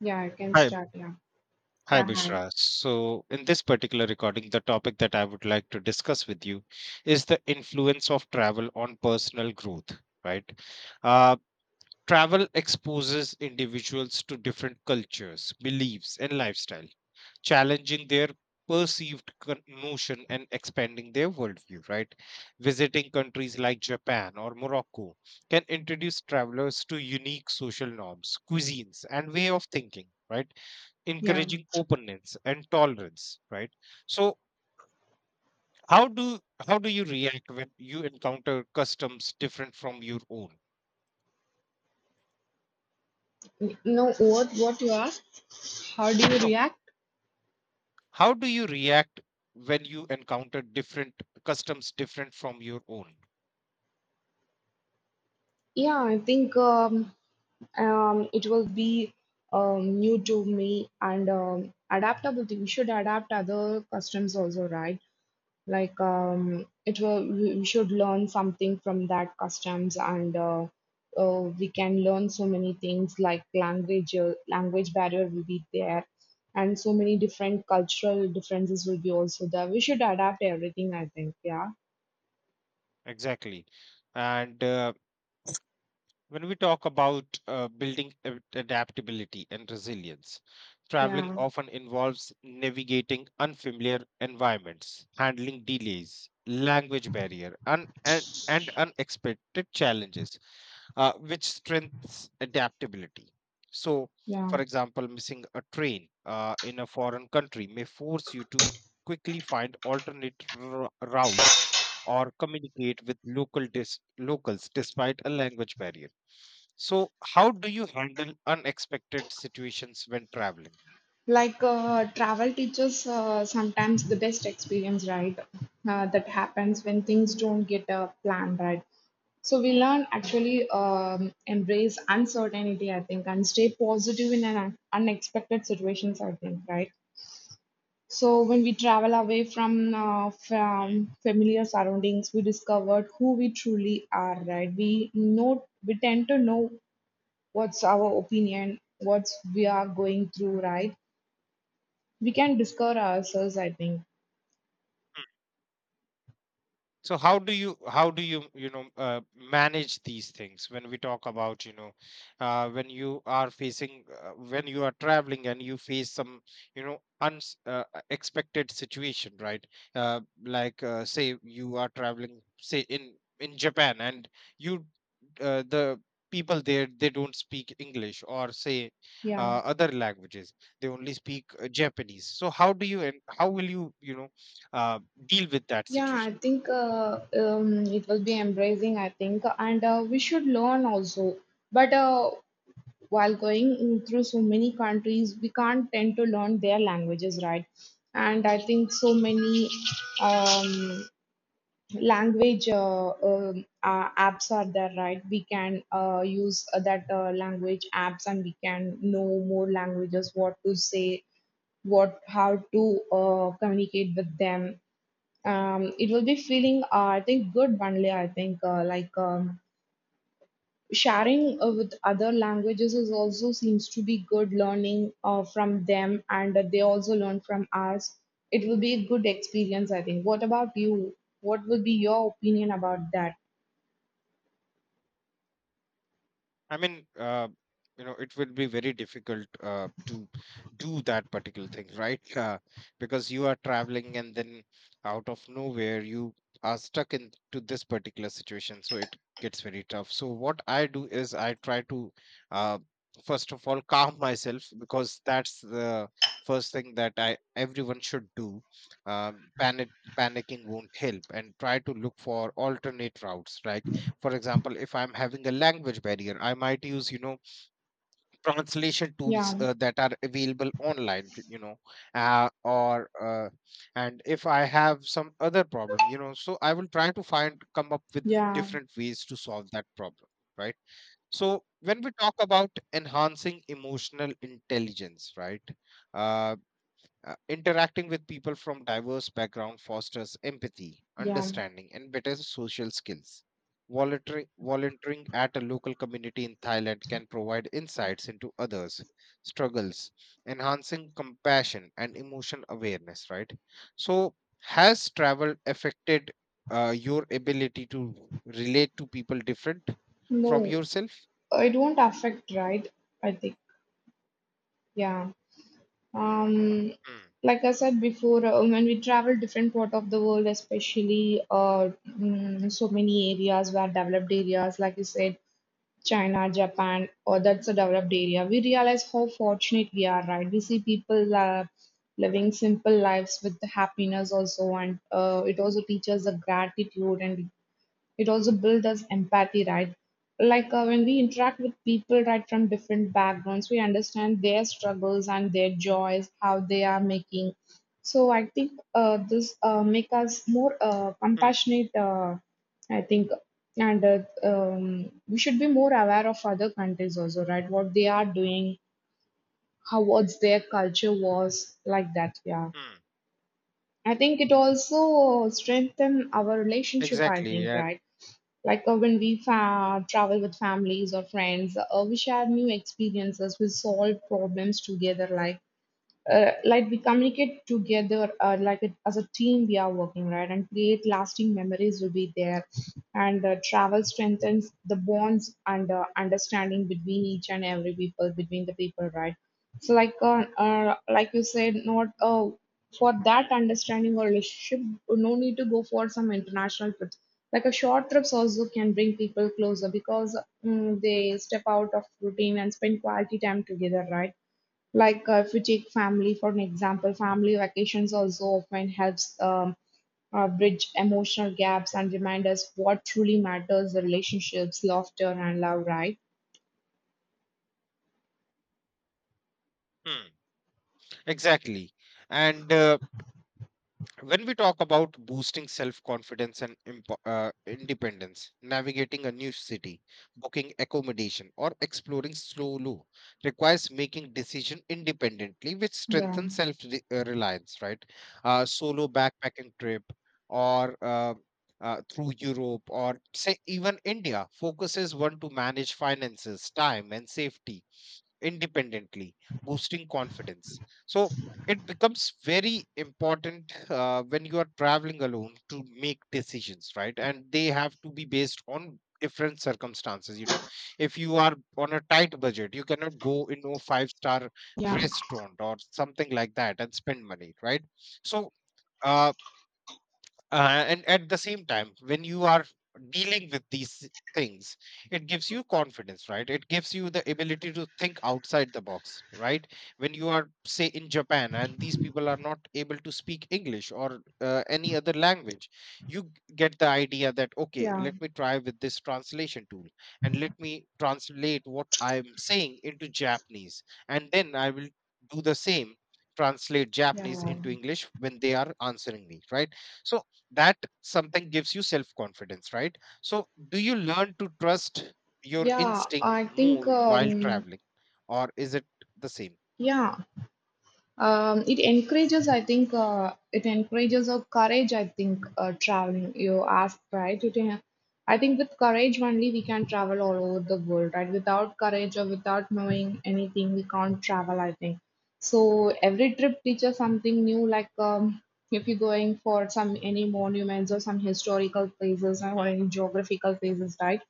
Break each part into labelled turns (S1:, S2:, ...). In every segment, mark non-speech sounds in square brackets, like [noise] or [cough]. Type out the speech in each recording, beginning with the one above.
S1: Yeah, I can
S2: Hi,
S1: start. Yeah.
S2: hi,
S1: Yeah, hi.
S2: Bushra. So, in this particular recording, the topic that I would like to discuss with you is the influence of travel on personal growth, right? Uh, Travel exposes individuals to different cultures, beliefs, and lifestyle, challenging their notion and expanding their worldview, right? Visiting countries like Japan or Morocco can introduce travelers to unique social norms, cuisines, and way of thinking. Right,
S1: Yeah.
S2: encouraging openness and tolerance, right. So how do how do you react when you encounter customs different from your own?
S1: No, what you asked? How do you
S2: So
S1: react?
S2: how do you react when you encounter different customs different from your own?
S1: Yeah, I think it will be new to me and adaptability. We should adapt other customs also, right? Like it will we should learn something from that customs. And We can learn so many things like language barrier will be there, and so many different cultural differences will be also there. We should adapt everything, I think. Yeah.
S2: Exactly. And when we talk about building adaptability and resilience, traveling
S1: Yeah.
S2: often involves navigating unfamiliar environments, handling delays, language barrier, and unexpected challenges, which strengthens adaptability. So,
S1: Yeah.
S2: for example, missing a train in a foreign country may force you to quickly find alternate routes or communicate with locals despite a language barrier. So, how do you handle unexpected situations when traveling?
S1: Like travel teaches sometimes the best experience, right? That happens when things don't get planned, right? So we learn actually embrace uncertainty, I think, and stay positive in unexpected situations, I think, right? So when we travel away from uh,
S2: Hmm.
S1: from familiar surroundings, we discovered who we truly are, right? We know, we tend to know what's our opinion, what's we are going through, right? We can discover ourselves, I think.
S2: So how do you you know manage these things when we talk about, when you are facing when you are traveling and you face some, unexpected situation, right? Like, say you are traveling, say in Japan, and you the people there, they don't speak English, or say,
S1: Yeah.
S2: other languages. They only speak Japanese. So how will you, you know uh, deal with that
S1: Yeah, I
S2: situation?
S1: think it will be embracing, I think, and we should learn also, but while going in through so many countries we can't tend to learn their languages, right? And I think so many um, language apps are there, right? We can use that language apps and we can know more languages, what to say, what, how to communicate with them. It will be feeling I think good only, I think. Sharing with other languages is also seems to be good, learning from them, and that they also learn from us. It will be a good experience, I think. What about you? What will be your opinion about that?
S2: I mean, it will be very difficult to do that particular thing, right? Because you are traveling and then out of nowhere you are stuck into this particular situation. So it gets very tough. So what I do is I try to, uh, first of all, calm myself, because that's the first thing that I everyone should do. Um panic Panicking won't help, and try to look for alternate routes, right? For example, if I'm having a language barrier, I might use, translation tools
S1: Yeah.
S2: that are available online, t- you know uh, or and if I have some other problem, so I will try to find come up with
S1: Yeah.
S2: different ways to solve that problem, right? So when we talk about enhancing emotional intelligence, right, uh, interacting with people from diverse backgrounds fosters empathy,
S1: Yeah.
S2: understanding, and better social skills. Volunteering at a local community in Thailand can provide insights into others' struggles, enhancing compassion and emotion awareness, right? So, has travel affected your ability to relate to people different from
S1: No,
S2: yourself?
S1: it won't affect, right? I think. Yeah. Um,
S2: Hmm,
S1: like I said before, when we travel different part of the world, especially so many areas where developed areas, like you said, China, Japan, or that's a developed area, we realize how fortunate we are, right? We see people living simple lives with happiness also, and it also teaches the gratitude, and it also builds us empathy, right? Like when we interact with people, right, from different backgrounds, we understand their struggles and their joys, how they are making. So I think this make us more
S2: hmm,
S1: compassionate. I think, and we should be more aware of other countries also, right? What they are doing, how, what's their culture was like that. Yeah.
S2: hmm.
S1: I think it also strengthen our relationship, I
S2: Exactly.
S1: think,
S2: Yeah.
S1: right? Like when we travel with families or friends, we share new experiences, we solve problems together, like we communicate together like it, as a team we are working, right, and create lasting memories will be there. And travel strengthens the bonds and understanding between each and every people, between the people, right? So like you said, not for
S2: Hmm,
S1: that understanding or relationship, no need to go for some international trips. Like a short trips also can bring people closer, because they step out of routine and spend quality time together, right? Like if we take family for an example, family vacations also often helps bridge emotional gaps and remind us what truly matters: the relationships, laughter, and love. Right?
S2: hmm. Exactly. And when we talk about boosting self confidence and independence, navigating a new city, booking accommodation, or exploring solo requires making decision independently, which
S1: Yeah.
S2: strengthens reliance. Right, solo backpacking trip or through Europe or say even India focuses one to manage finances, time, and safety independently, boosting confidence. So it becomes very important when you are traveling alone to make decisions, right? And they have to be based on different circumstances. You know, if you are on a tight budget, you cannot go in a five-star
S1: Yeah.
S2: restaurant or something like that and spend money, right? So, uh, and at the same time when you are dealing with these things, it gives you confidence, right? It gives you the ability to think outside the box, right? When you are, say, in Japan, and these people are not able to speak English or any other language, you get the idea that, okay,
S1: Yeah,
S2: let me try with this translation tool, and let me translate what I'm saying into Japanese, and then I will do the same, translate Japanese
S1: yeah.
S2: into English when they are answering me, right? So that something gives you self confidence, right? So do you learn to trust your
S1: Yeah,
S2: instinct
S1: I think
S2: more while traveling, or is it the same?
S1: Yeah. It encourages, I think, it encourages a courage. I think traveling. You asked, right? I think with courage only we can travel all over the world, right? Without courage or without knowing anything, we can't travel. I think. So every trip teaches something new. Like if you're going for some any monuments or some historical places
S2: Hmm,
S1: or any geographical places, right?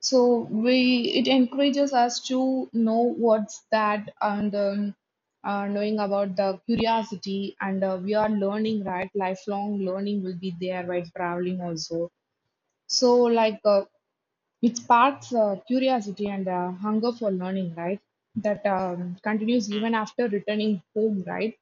S1: So we it encourages us to know what's that. And knowing about the
S2: hmm,
S1: curiosity, and we are learning, right? Lifelong learning will be there while traveling also. So like it sparks curiosity and hunger for learning, right, that continues
S2: hmm,
S1: even after returning home, right.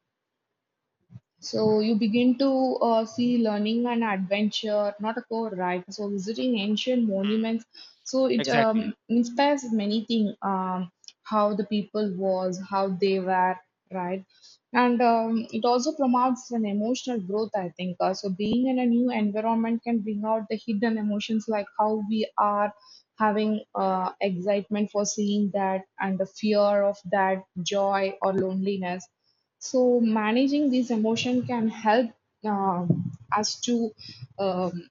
S1: So you begin to see learning and adventure, not a core, right? So visiting ancient
S2: hmm.
S1: monuments, so it
S2: Exactly.
S1: inspires many things. How the people was, how they were, right? And it also promotes an emotional growth. I think so. Being in a new environment can bring out the hidden emotions, like how we are having excitement for seeing that, and the fear of that, joy or loneliness. So managing these emotion can help us to um,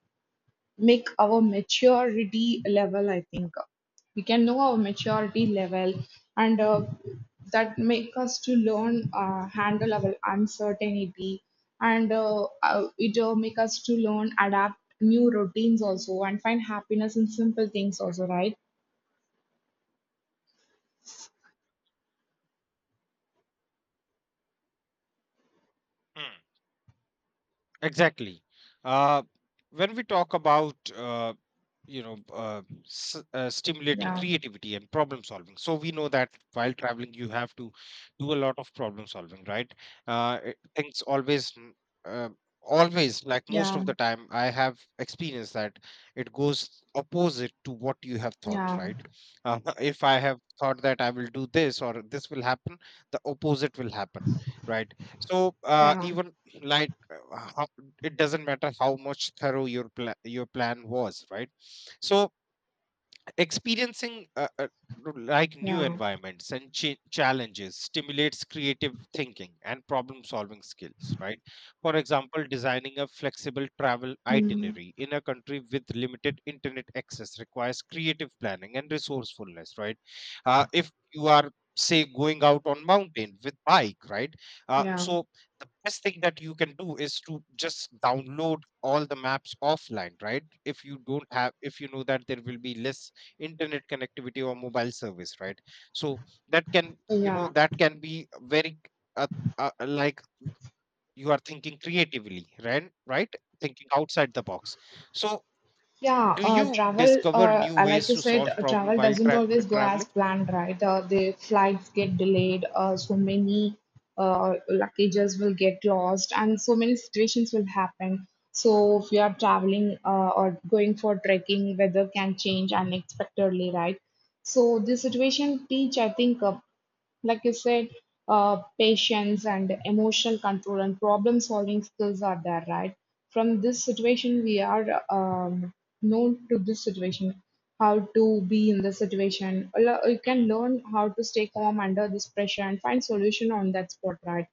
S1: make our maturity level. I think we can know our maturity level, and that make us to learn handle our uncertainty, and it make us to learn adapt new routines also, and find happiness in simple things also. Right?
S2: Exactly. Uh, when we talk about stimulating
S1: Yeah.
S2: creativity and problem solving, so we know that while traveling you have to do a lot of problem solving, right? Things uh, always, like most
S1: Yeah.
S2: of the time, I have experienced that it goes opposite to what you have thought,
S1: Yeah.
S2: right? [laughs] If I have thought that I will do this or this will happen, the opposite will happen, right? So
S1: Yeah.
S2: even, like, uh, it doesn't matter how much thorough your your plan was, right. So experiencing like new
S1: Yeah.
S2: environments and challenges stimulates creative thinking and problem solving skills, right? For example, designing a flexible travel
S1: Mm.
S2: itinerary in a country with limited internet access requires creative planning and resourcefulness, right? If you are, say, going out on mountain with bike, right,
S1: Yeah.
S2: so the best thing that you can do is to just download all the maps offline, right, if you don't have, if you know that there will be less internet connectivity or mobile service, right. So that, can you know,
S1: Yeah.
S2: that can be very uh, like, you are thinking creatively, right, thinking outside the box. So
S1: Yeah,
S2: do you
S1: travel,
S2: discover new
S1: like
S2: ways
S1: you
S2: to
S1: said,
S2: solve problem
S1: travel
S2: while
S1: doesn't always go as
S2: traveling?
S1: planned, right? The flights get delayed, so many luggages will get lost, and so many situations will happen. So, if you are traveling or going for trekking, weather can change unexpectedly, right? So, this situation teach, I think, like you said, patience and emotional control and problem solving skills are there, right? From this situation, we are known to this situation, how to be in the situation. You can
S2: Hmm,
S1: learn how to stay calm under this pressure and find solution on that spot, right?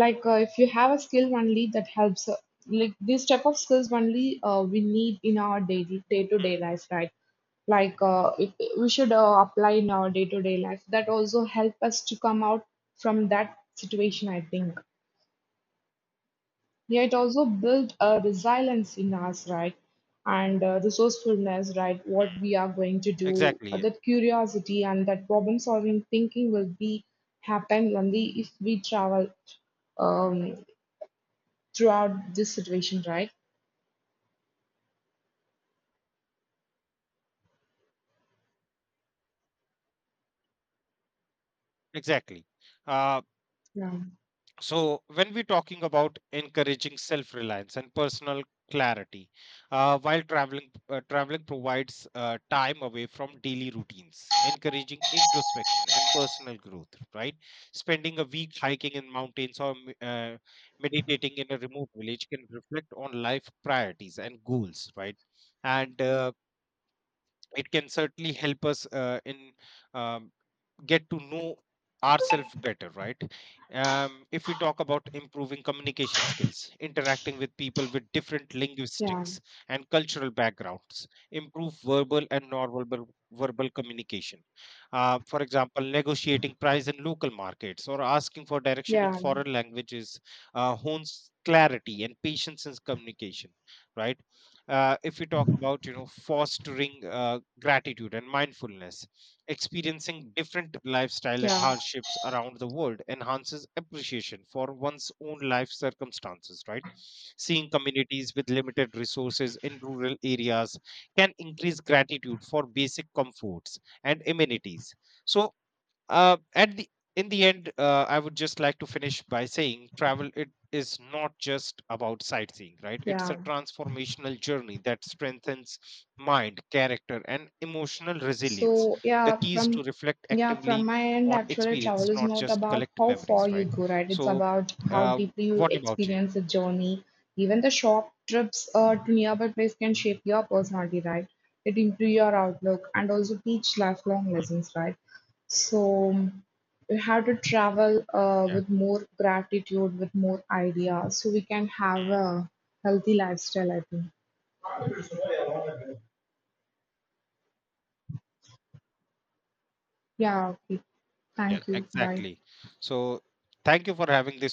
S1: Like if you have a skill only, that helps like this type of skills only we need in our daily day-to-day
S2: hmm,
S1: life, right? Like if we should apply in our day-to-day life, that also help us to come out from that situation, I think. Yeah, it also build a resilience in us, right? And resourcefulness, right? What
S2: hmm.
S1: we are going to do,
S2: Exactly.
S1: that curiosity and that problem solving thinking will be happen only if we travel um, throughout this situation, right?
S2: Exactly. uh,
S1: Yeah,
S2: So, when we're talking about encouraging self-reliance and personal clarity, while traveling, traveling provides time away from daily routines, encouraging introspection and personal growth. Right? Spending a week hiking in mountains or meditating in a remote village can reflect on life priorities and goals. Right? And it can certainly help us in, um, get to know ourselves better, right. If we talk about improving communication skills, interacting with people with different
S1: yeah,
S2: linguistics and cultural backgrounds improve verbal and nonverbal verbal communication. For example, negotiating price in local markets or asking for direction
S1: yeah,
S2: in foreign languages hones clarity and patience in communication, right. If we talk about, fostering gratitude and mindfulness, experiencing different lifestyle and
S1: yeah,
S2: hardships around the world enhances appreciation for one's own life circumstances, right? Seeing communities with limited resources in rural areas can increase gratitude for basic comforts and amenities. So, at the in the end, I would just like to finish by saying, travel, it is not just about sightseeing, right, it's a
S1: yeah.
S2: transformational journey that strengthens mind, character, and emotional resilience.
S1: So
S2: The key is to reflect
S1: yeah, from
S2: actively
S1: my end,
S2: on
S1: actually, travel
S2: experience,
S1: is
S2: not
S1: not
S2: just
S1: about
S2: collect
S1: how
S2: memories,
S1: far you
S2: right.
S1: go, right? It's
S2: So
S1: about how
S2: uh,
S1: deeply you
S2: what about you?
S1: experience the journey. Even the short trips to nearby place can shape your personality, right? It improve your outlook and also teach lifelong
S2: Hmm,
S1: lessons, right? So we have to travel
S2: yeah.
S1: with more gratitude, with more ideas, so we can have
S2: Hmm,
S1: a healthy lifestyle, I think. Yeah, okay.
S2: yeah,
S1: Thank you. Bye.
S2: exactly. So thank you for having this.